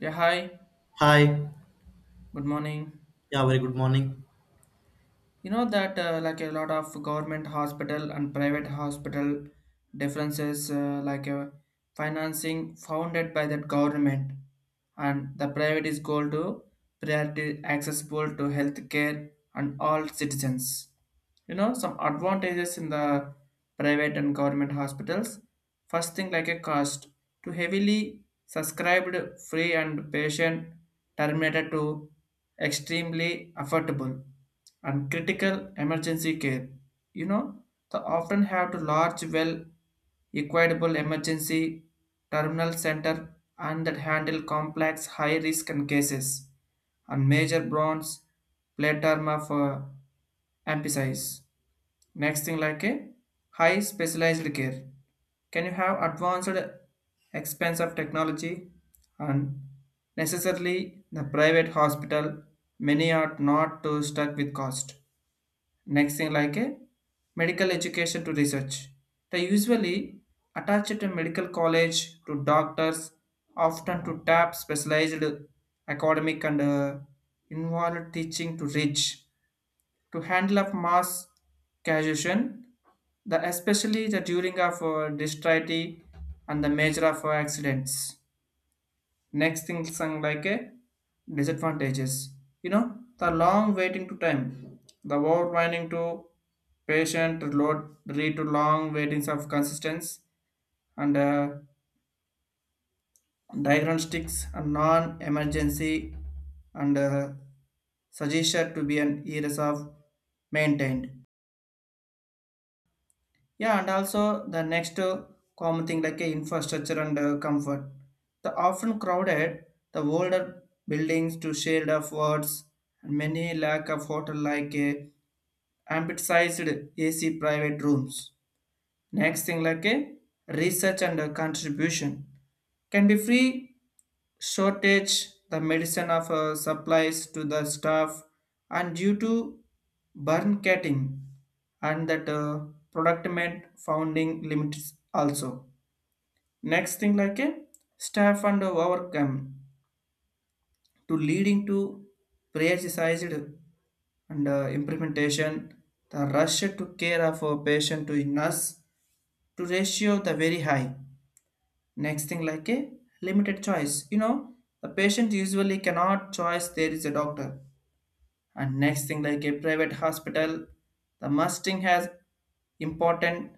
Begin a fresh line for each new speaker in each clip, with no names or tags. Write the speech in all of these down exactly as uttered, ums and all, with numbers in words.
Yeah, hi.
Hi.
Good morning.
Yeah, very good morning.
You know that uh, like a lot of government hospital and private hospital differences uh, like uh, financing founded by the government, and the private is goal to priority accessible to healthcare and all citizens. You know some advantages in the private and government hospitals, first thing like a cost to heavily subscribed free and patient terminated to extremely affordable and critical emergency care, you know, they often have to large well equitable emergency terminal center and that handle complex high risk and cases and major bronze platorma for emphasize. Next thing like a high specialized care. Can you have advanced expense of technology and necessarily the private hospital many are not too stuck with cost. Next thing like a medical education to research. They usually attach to medical college to doctors often to tap specialized academic and uh, involved teaching to reach to handle of mass casuation, the especially the during of uh, dexterity and the major of uh, accidents. Next thing something like a disadvantages. You know the long waiting to time, the overwinding to patient load lead to long waitings of consistence and uh, diagnostics and non-emergency and uh, suggested to be an years of maintained. Yeah, and also the next uh, common thing like uh, infrastructure and uh, comfort. The often crowded, the older buildings to shade of wards, and many lack of hotel like uh, amplified A C private rooms. Next thing like a research and a contribution can be free shortage the medicine of uh, supplies to the staff and due to burn cutting and that uh, product meant founding limits also. Next thing like a staff and overcome to leading to prioritized and uh, implementation, the rush to care of a patient to nurse to ratio the very high. Next thing like a limited choice. You know, the patient usually cannot choice there is a doctor, and next thing like a private hospital the musting has important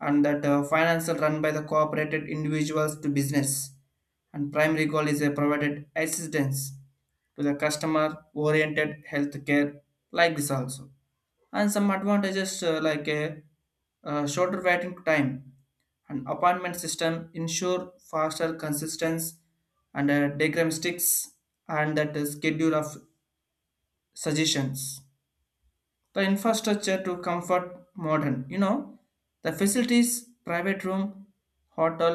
and that uh, financial run by the cooperated individuals to business and primary goal is a provided assistance to the customer oriented healthcare like this also. And some advantages uh, like a uh, shorter waiting time, an appointment system ensure faster consistency and uh, diagnostics and that the schedule of suggestions, the infrastructure to comfort modern, you know, the facilities, private room, hotel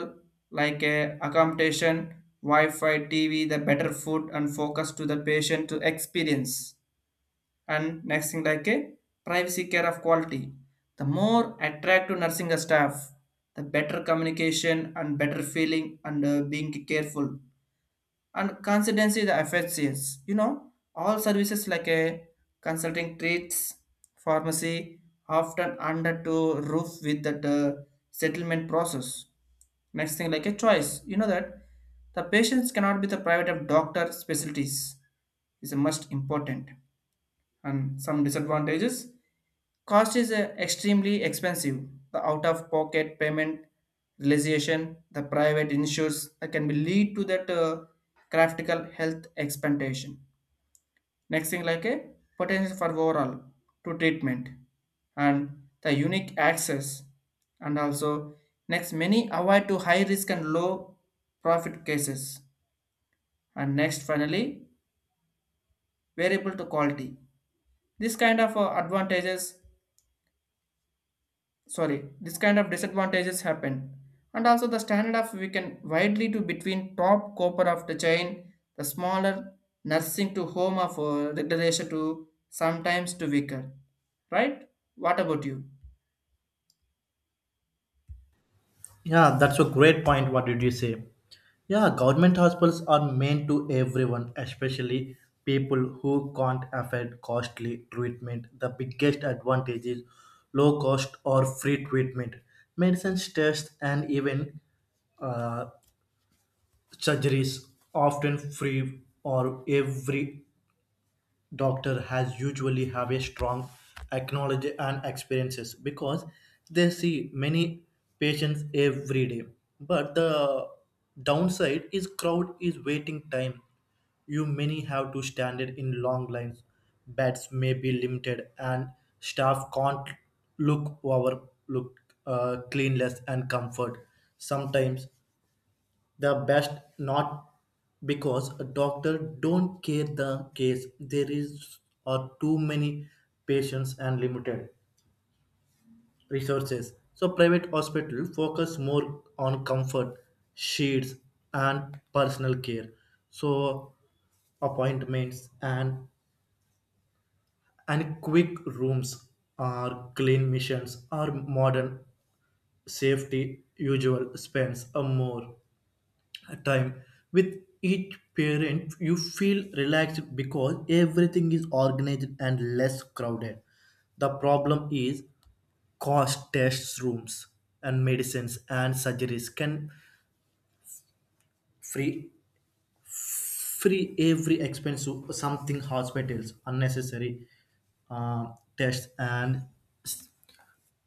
like a accommodation, wi-fi tv, the better food and focus to the patient to experience. And next thing like a privacy care of quality, the more attractive nursing staff, the better communication and better feeling and uh, being careful and consistency the F H C S. You know, all services like a consulting treats, pharmacy, often under to roof with that uh, settlement process. Next thing like a choice. You know that the patients cannot be the private of doctor specialties is the most important. And some disadvantages, cost is uh, extremely expensive, the out of pocket payment realization the private insurance that can be lead to that uh, critical health expectation. Next thing like a potential for overall to treatment and the unique access, and also next many avoid to high risk and low profit cases. And next finally variable to quality, this kind of uh, advantages sorry this kind of disadvantages happen. And also the standard of we can widely to between top copper of the chain the smaller nursing to home of uh, regulation to sometimes to weaker. Right, what about you?
Yeah, that's a great point. What did you say? Yeah, government hospitals are meant to everyone, especially people who can't afford costly treatment. The biggest advantage is low cost or free treatment. Medicines, tests, and even uh, surgeries often free or every doctor has usually have a strong acknowledge and experiences because they see many patients every day. But the downside is crowd is waiting time. You many have to stand it in long lines, beds may be limited, and staff can't look over look uh, cleanliness and comfort. Sometimes the best not because a doctor don't care the case, there is are too many patients and limited resources. So private hospital focus more on comfort sheets and personal care. So appointments and and quick rooms or clean missions or modern safety usual spends a more time with each parent. You feel relaxed because everything is organized and less crowded. The problem is cost test rooms and medicines and surgeries can free free every expense to something hospitals unnecessary uh, tests and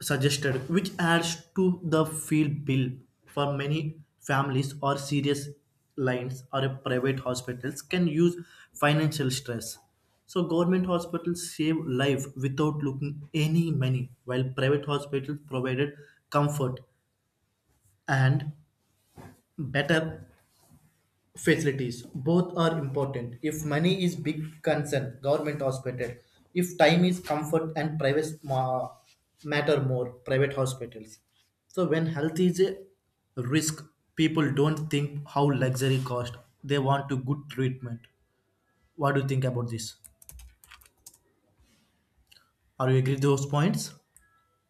suggested, which adds to the field bill. For many families or serious lines or a private hospitals can use financial stress. So government hospitals save life without looking any money, while private hospitals provided comfort and better facilities. Both are important. If money is big concern, government hospital. If time is comfort and private ma- matter more, private hospitals. So when health is a risk, people don't think how luxury cost, they want to good treatment. What do you think about this? Are you agree those points?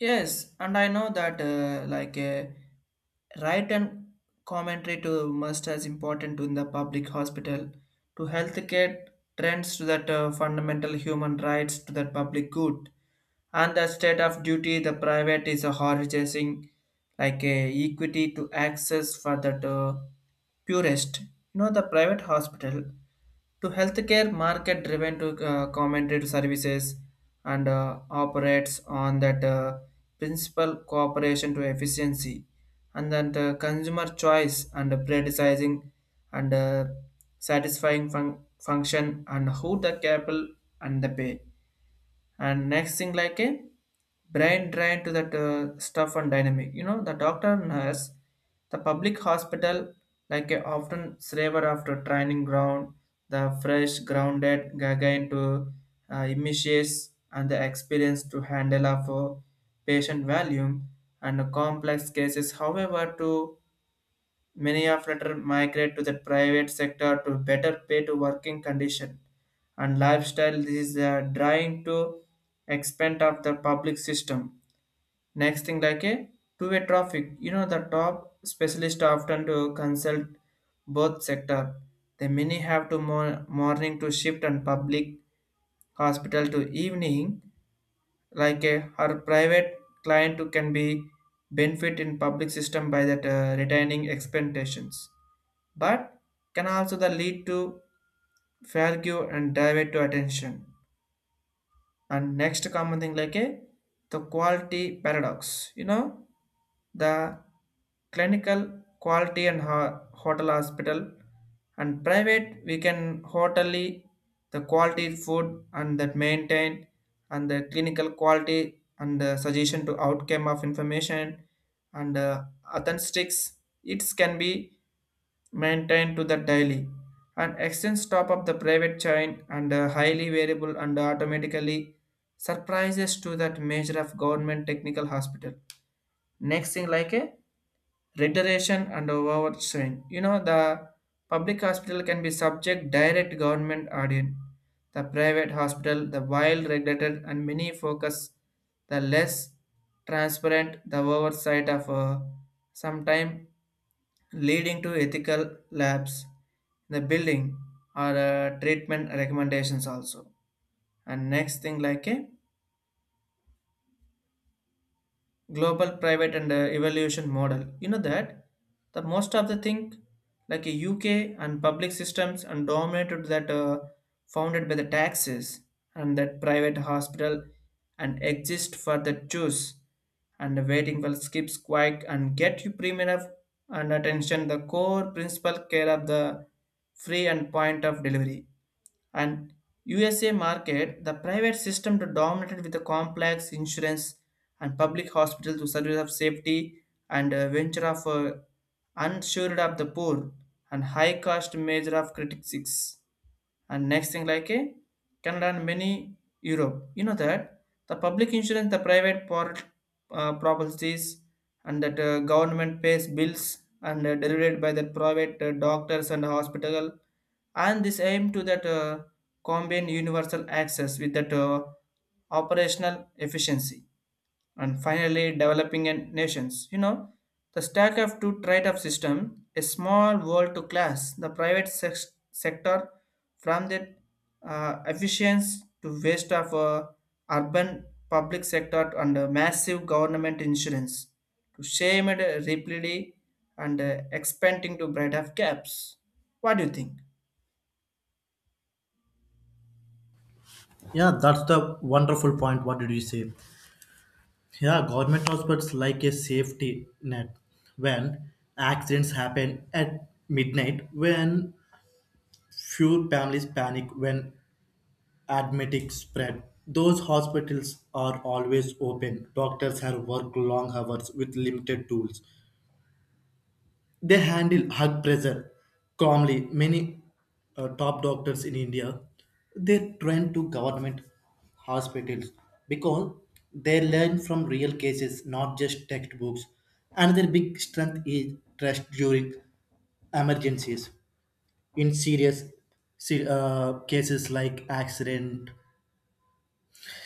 Yes, and I know that uh, like uh, write and commentary to must as important in the public hospital to healthcare trends to that uh, fundamental human rights to that public good and the state of duty the private is a harvesting like a equity to access for that uh, purest. You know the private hospital to healthcare market driven to uh, commented services and uh, operates on that uh, principal cooperation to efficiency and then the consumer choice and predisizing and uh, satisfying fun- function and who the capital and the pay. And next thing like a brain drain to that uh, stuff and dynamic, you know, the doctor nurse the public hospital like a often slaver after training ground, the fresh grounded again to uh, images and the experience to handle of uh, patient volume and complex cases, however to many of latter migrate to the private sector to better pay to working condition and lifestyle. This is uh, drawing to expand of the public system. Next thing like a two-way traffic. You know the top specialist often to consult both sector. The many have to mo morning to shift and public hospital to evening like a her private client who can be benefit in public system by that uh, retaining expectations, but can also the lead to failure and divert to attention. And next common thing like a the quality paradox. You know, the clinical quality and ho- hotel hospital and private we can hotely the quality food and that maintain, and the clinical quality and the suggestion to outcome of information and uh, authentics, it can be maintained to the daily and extends top of the private chain and uh, highly variable and automatically surprises to that measure of government technical hospital. Next thing like a reiteration and overstrain. You know the public hospital can be subject direct government audit. The private hospital, the wild regulated and many focus, the less transparent the oversight of uh, sometime leading to ethical labs the building or uh, treatment recommendations also. And next thing like a global private and uh, evaluation model, you know that the most of the thing like a UK and public systems and dominated that uh, founded by the taxes and that private hospital and exist for the choose and waiting will skip quick and get you premium of- and attention the core principal care of the free and point of delivery. And U S A market, the private system to dominated with the complex insurance and public hospital to service of safety and uh, venture of uh, unsured of the poor and high cost measure of critics. And next thing like a can learn many europe, you know that the public insurance the private part uh, properties and that uh, government pays bills and uh, delivered by the private uh, doctors and hospital, and this aim to that uh, combine universal access with that uh, operational efficiency. And finally developing and nations. You know, the stack of two trade of system, a small world to class, the private sex- sector from the uh, efficiency to waste of uh, urban public sector and uh, massive government insurance to shame it uh, rapidly and uh, expanding to bread of gaps. What do you think?
Yeah, that's the wonderful point. What did you say? Yeah, government hospitals like a safety net when accidents happen at midnight, when few families panic when admetics spread. Those hospitals are always open. Doctors have worked long hours with limited tools. They handle high pressure calmly. Many uh, top doctors in India, they train to government hospitals because they learn from real cases, not just textbooks. Another big strength is trust during emergencies. In serious se- uh, cases like accident,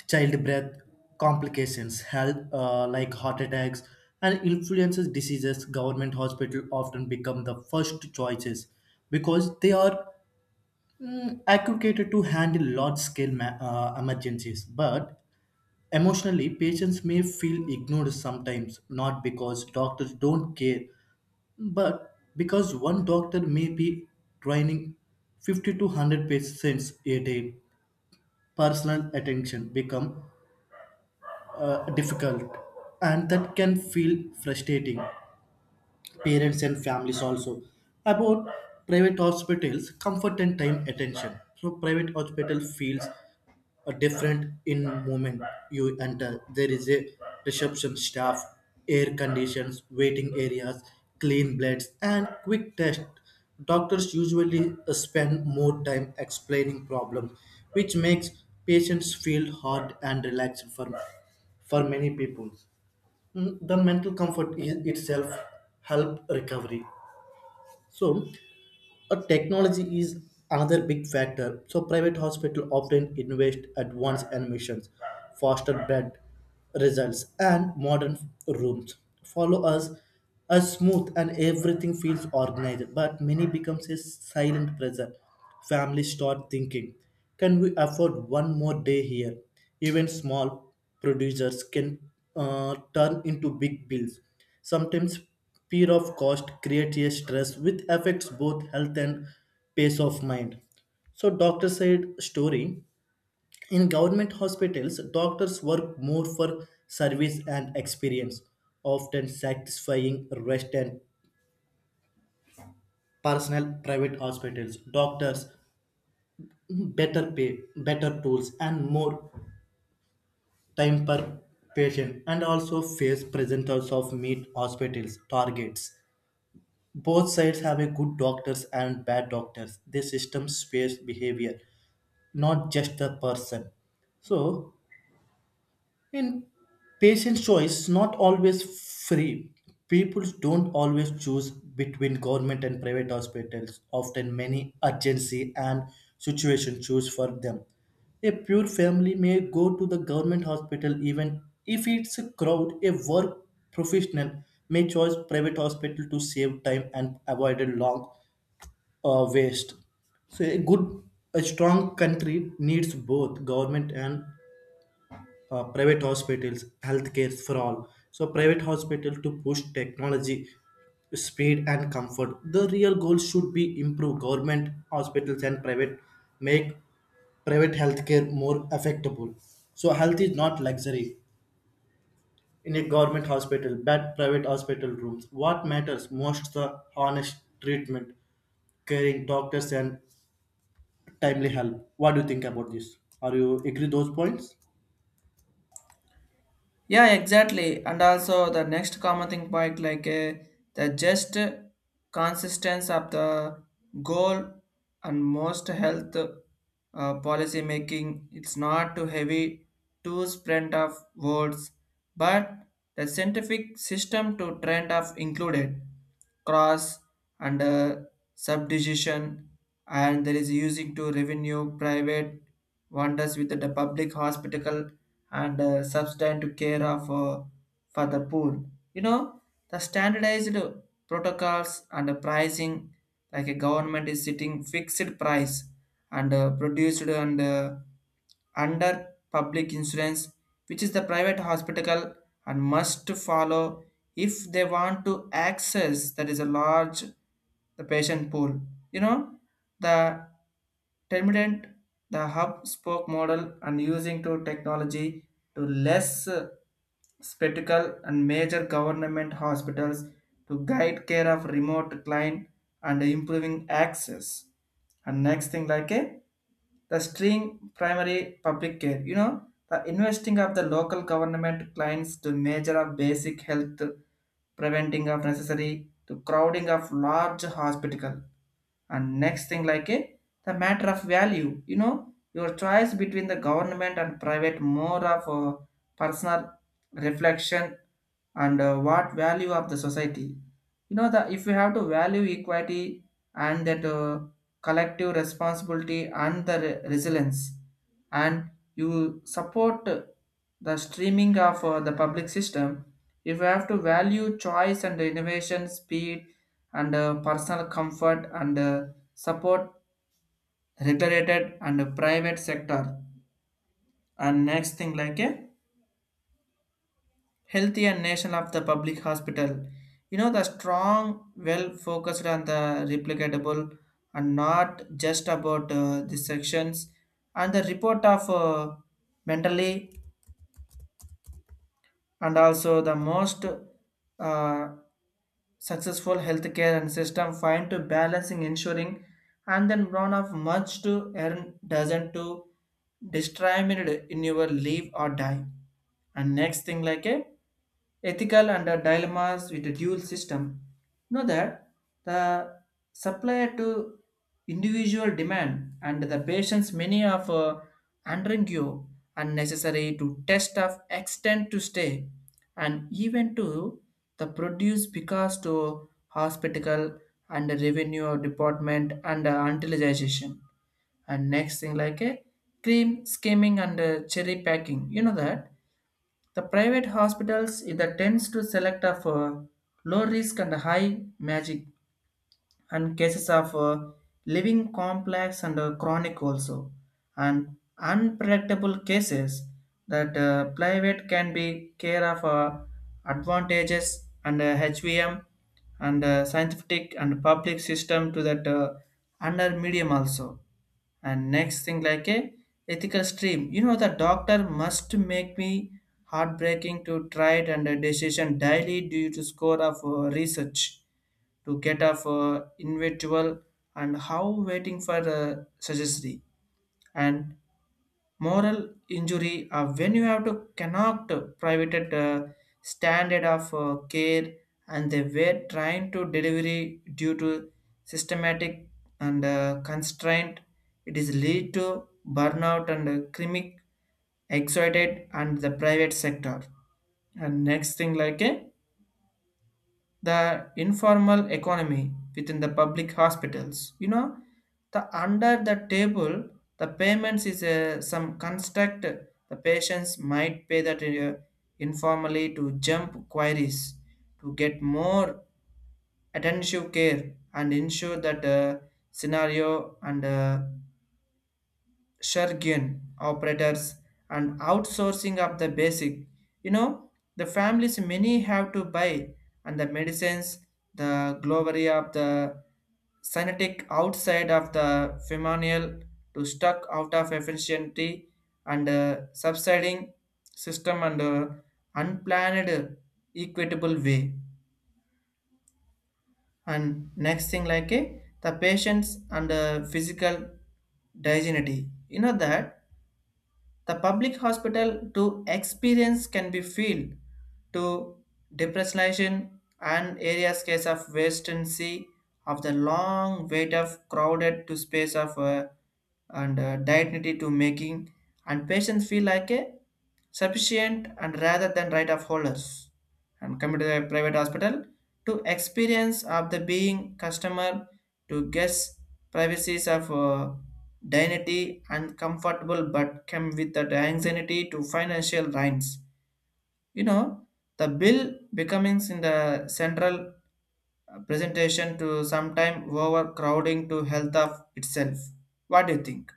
childbirth, complications, health uh, like heart attacks, and influences diseases, government hospital often become the first choices because they are mm, accurate to handle large-scale ma- uh, emergencies. But emotionally, patients may feel ignored sometimes, not because doctors don't care, but because one doctor may be training fifty to one hundred patients a day, personal attention become uh, difficult, and that can feel frustrating. Parents and families also about private hospitals comfort and time attention. So private hospital feels a different in moment you enter. There is a reception staff, air conditions waiting areas, clean blades, and quick test. Doctors usually uh, spend more time explaining problems, which makes patients feel hard and relaxed. For, for many people, Mm, the mental comfort i- itself help recovery. So uh, technology is another big factor. So private hospital often invest advanced admissions, faster bed results, and modern rooms. Follow us as smooth and everything feels organized. But many becomes a silent pressure. Families start thinking, can we afford one more day here? Even small producers can uh, turn into big bills. Sometimes fear of cost creates a stress which affects both health and peace of mind. So, doctor said story. In government hospitals, doctors work more for service and experience, often satisfying rest and personal private hospitals. Doctors better pay, better tools, and more time per patient, and also face presenters of meet hospitals targets. Both sides have a good doctors and bad doctors. The system spares behavior, not just the person. So, in patient choice, not always free. People don't always choose between government and private hospitals. Often, many urgency and situation choose for them. A pure family may go to the government hospital even if it's a crowd. A work professional may choose private hospital to save time and avoid a long uh, waste. So a good, a strong country needs both government and uh, private hospitals, healthcare for all. So private hospital to push technology, speed and comfort. The real goal should be improve government hospitals and private, make private healthcare more affectable. So health is not luxury in a government hospital, but private hospital rooms. What matters most the honest treatment, caring doctors, and timely help. What do you think about this? Are you agree those points?
Yeah, exactly. And also the next common thing point like uh, the just consistency of the goal and most health uh, policy making. It's not too heavy, too spread of words, but the scientific system to trend of included cross and uh, subdivision, and there is using to revenue private wonders with the public hospital and uh, substantive care of uh, for the poor, you know, the standardized protocols and the pricing like a government is setting fixed price and uh, produced and uh, under public insurance, which is the private hospital and must follow if they want to access that is a large the patient pool, you know, the terminant, the hub spoke model, and using to technology to less uh, spectacle and major government hospitals to guide care of remote client and improving access. And next thing like a the string primary public care, you know, the investing of the local government clients to measure of basic health, preventing of necessary to crowding of large hospital. And next thing like a the matter of value, you know, your choice between the government and private more of a personal reflection and uh, what value of the society, you know that if you have to value equity and that uh, collective responsibility and the re- resilience and you support the streaming of uh, the public system. If you have to value choice and innovation speed and uh, personal comfort and uh, support regulated and private sector. And next thing like a healthy and nation of the public hospital, you know, the strong well focused on the replicatable and not just about uh, the sections and the report of uh, mentally. And also the most uh, successful healthcare and system find to balancing ensuring and then run of much to earn doesn't to discriminate in your live or die. And next thing like a ethical and uh, dilemmas with a dual system, you know that the supply to individual demand and the patients many of uh, undergo unnecessary to test of extent to stay and even to the produce because to hospital and revenue department and uh, utilization. And next thing like a cream skimming and uh, cherry packing, you know that the private hospitals it that tends to select of uh, low risk and high magic and cases of uh, living complex and uh, chronic also and unpredictable cases that uh, private can be care of uh, advantages and uh, H V M and uh, scientific and public system to that uh, under medium also. And next thing like a ethical stream, you know the doctor must make me heartbreaking to try it and a decision daily due to score of uh, research to get of uh, individual and how waiting for uh, suggestion and moral injury uh, when you have to connect private uh, standard of uh, care and they were trying to delivery due to systematic and uh, constraint. It is lead to burnout and uh, chronic excited and the private sector. And next thing like a the informal economy within the public hospitals, you know, the under the table, the payments is uh, some construct the patients might pay that uh, informally to jump queries to get more attentive care and ensure that uh, scenario and uh, shurgen operators and outsourcing of the basic, you know, the families many have to buy and the medicines, the glory of the synthetic outside of the femonial to stuck out of efficiency and uh, subsiding system and uh, unplanned equitable way. And next thing like a the patients and uh, physical dignity, you know that the public hospital to experience can be filled to depressionalization and areas case of vacancy of the long wait of crowded to space of uh, and uh, dignity to making and patients feel like a sufficient and rather than right of holders. And come to the private hospital to experience of the being customer to guess privacies of uh, dignity and comfortable, but come with the anxiety to financial lines, you know, the bill becomes in the central uh, presentation to sometime overcrowding to health of itself. What do you think?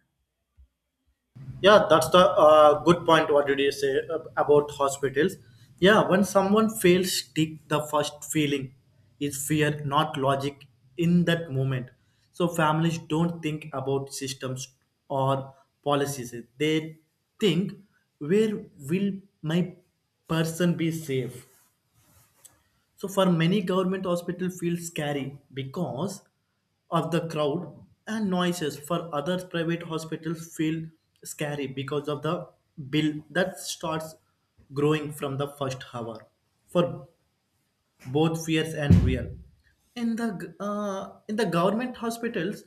Yeah, that's the uh, good point. What did you say ab- about hospitals? Yeah, when someone fails, stick the first feeling is fear, not logic in that moment. So families don't think about systems or policies. They think, where will my person be safe? So for many, government hospital feel scary because of the crowd and noises. For others, private hospitals feel scary because of the bill that starts growing from the first hour. For both, fears and real. In the g- uh, in the government hospitals,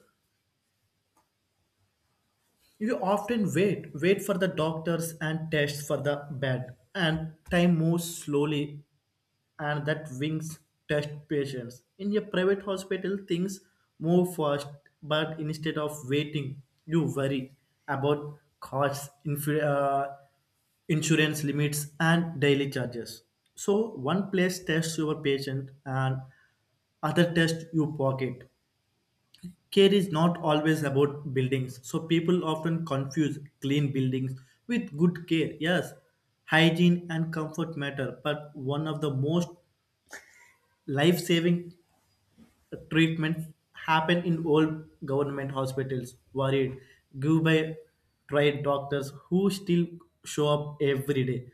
you often wait wait for the doctors and tests for the bed, and time moves slowly, and that wings test patients. In a private hospital, things move fast, but instead of waiting, you worry about costs, inf- uh, insurance limits, and daily charges. So, one place tests your patient, and other test you pocket. Care is not always about buildings, so people often confuse clean buildings with good care. Yes, hygiene and comfort matter, but one of the most life saving treatments happen in old government hospitals, worried, give by tried doctors who still show up every day.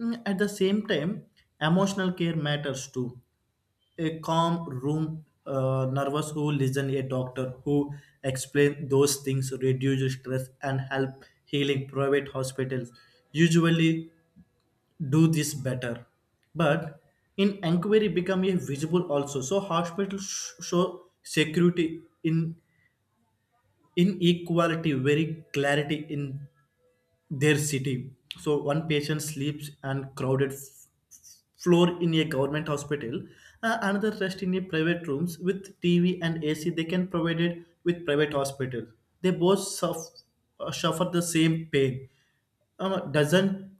Mm, At the same time, emotional care matters too. A calm room, uh, nervous who listen, a doctor who explain those things, reduce stress and help healing. Private hospitals usually do this better. But in inquiry become a visible also. So hospitals sh- show security in inequality, very clarity in their city. So one patient sleeps on crowded f- floor in a government hospital, uh, another rest in a private rooms with T V and A C. They can provide it with private hospital. They both suffer, suffer the same pain. Um, doesn't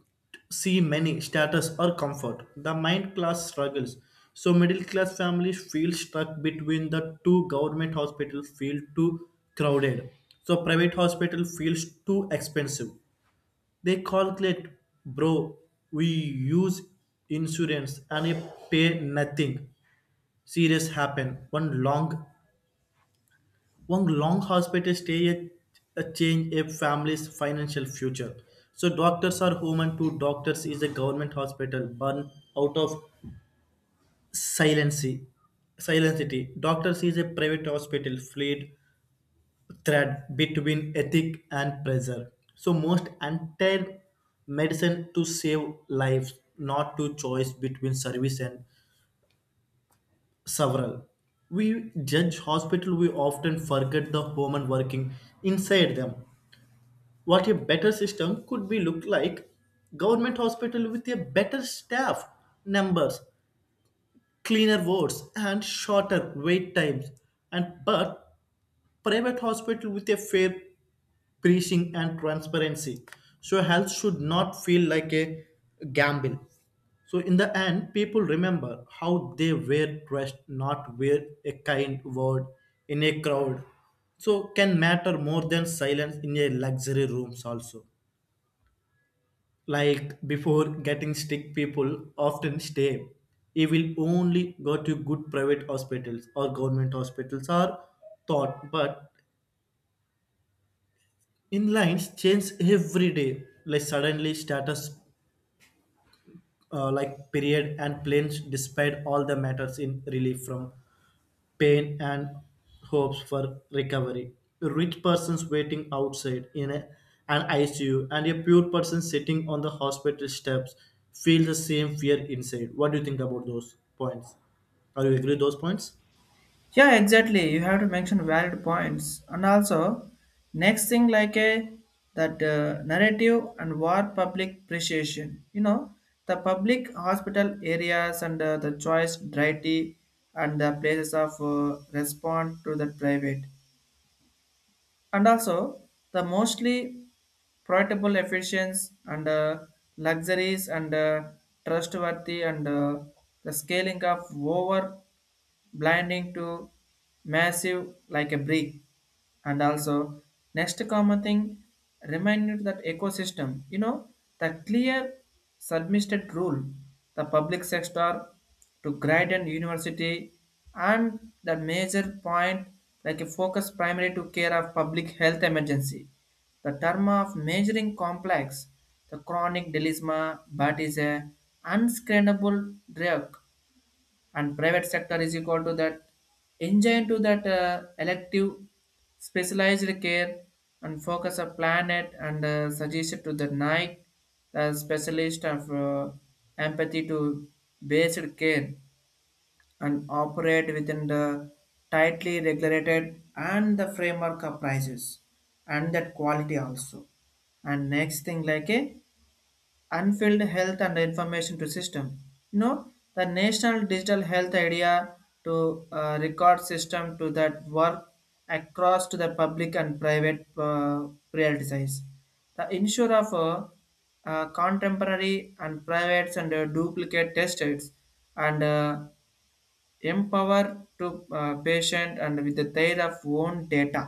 see many status, or comfort. The mind class struggles. So middle class families feel stuck between the two. Government hospitals feel too crowded. So private hospital feels too expensive. They calculate, bro, we use insurance and I pay nothing. Serious happen. One long one long hospital stay a, a change a family's financial future. So doctors are human too. Doctors is a government hospital born out of silency. Silentity. Doctors is a private hospital fled thread between ethic and pressure. So most entire medicine to save lives, not to choice between service and several. We judge hospital, we often forget the human working inside them. What a better system could be look like? Government hospital with a better staff numbers, cleaner wards, and shorter wait times. And but private hospital with a fair pricing and transparency. So health should not feel like a gamble. So in the end, people remember how they were dressed, not where. A kind word in a crowd so can matter more than silence in a luxury rooms also. Like before getting sick, people often stay. You will only go to good private hospitals or government hospitals are thought, but in lines change every day. Like suddenly status, uh, like period and planes, despite all the matters in relief from pain and hopes for recovery. A rich person's waiting outside in a, an I C U, and a poor person sitting on the hospital steps feel the same fear inside. What do you think about those points? Are you agree with those points?
Yeah, exactly. You have to mention valid points, and also next thing like a that uh, narrative and war public appreciation. You know the public hospital areas and uh, the choice variety and the places of uh, respond to the private, and also the mostly profitable efficiency and uh, luxuries and uh, trustworthy and uh, the scaling of over blinding to massive like a brick. And also, next common thing, remind you that ecosystem, you know, the clear submitted rule, the public sector to grade and university, and the major point like a focus primary to care of public health emergency. The term of measuring complex, the chronic delisma, but is a unscreenable drug and private sector is equal to that engine to that uh, elective specialized care and focus a planet and uh, suggest to the night the specialist of uh, empathy to based care and operate within the tightly regulated and the framework of prices and that quality also. And next thing like a unfilled health and information to system. You know, the National Digital Health Idea to uh, record system to that work across to the public and private uh, prioritize. The ensure of uh, uh, contemporary and privates and uh, duplicate testers and uh, empower to uh, patient and with the their of own data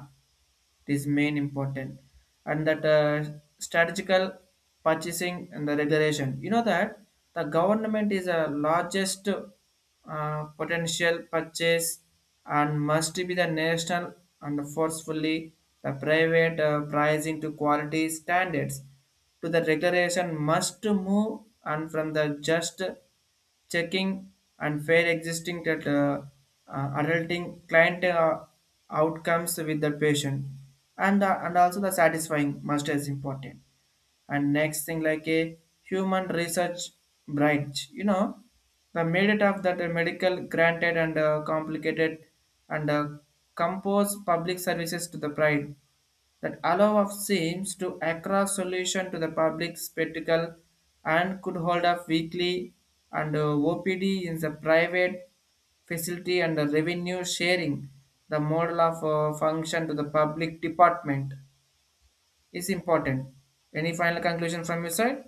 is main important and that uh, strategical purchasing and the regulation, you know that the government is a largest uh, potential purchase and must be the national and forcefully the private uh, pricing to quality standards to the regulation must move and from the just checking and fair existing that uh, uh, adulting client uh, outcomes with the patient and uh, and also the satisfying master is important. And next thing like a human research branch, you know the merit of that uh, medical granted and uh, complicated and uh, compose public services to the pride that allow of seems to across solution to the public spectacle and could hold up weekly and uh, O P D in the private facility and the revenue sharing, the model of uh, function to the public department is important. Any final conclusion from your side?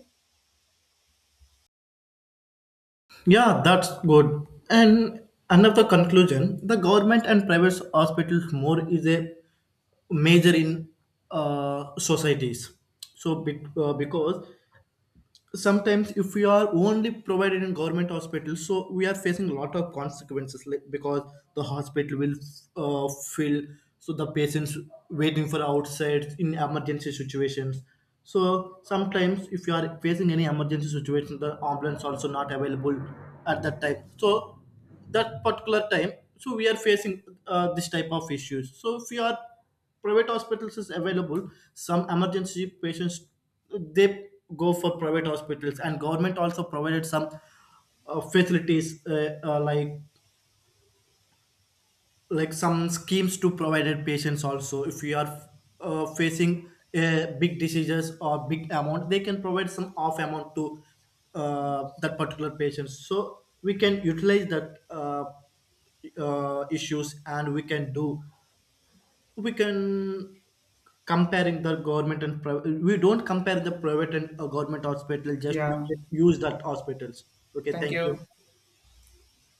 Yeah, that's good. And another conclusion, the government and private hospitals more is a major in uh, societies. So be- uh, because sometimes if we are only provided in government hospitals, so we are facing a lot of consequences, like because the hospital will uh, fill, so the patients waiting for outside in emergency situations. So sometimes if you are facing any emergency situation, the ambulance also not available at that time. So that particular time, so we are facing uh, this type of issues. So if you are private hospitals is available, some emergency patients, they go for private hospitals. And government also provided some uh, facilities uh, uh, like like some schemes to provided patients also. If you are uh, facing uh, big diseases or big amount, they can provide some off amount to uh, that particular patient. So we can utilize that uh, uh, issues, and we can do we can comparing the government and private. We don't compare the private and uh, government hospital, just we
Yeah.
can use that hospitals. Okay,
Thank
thank
you.
you.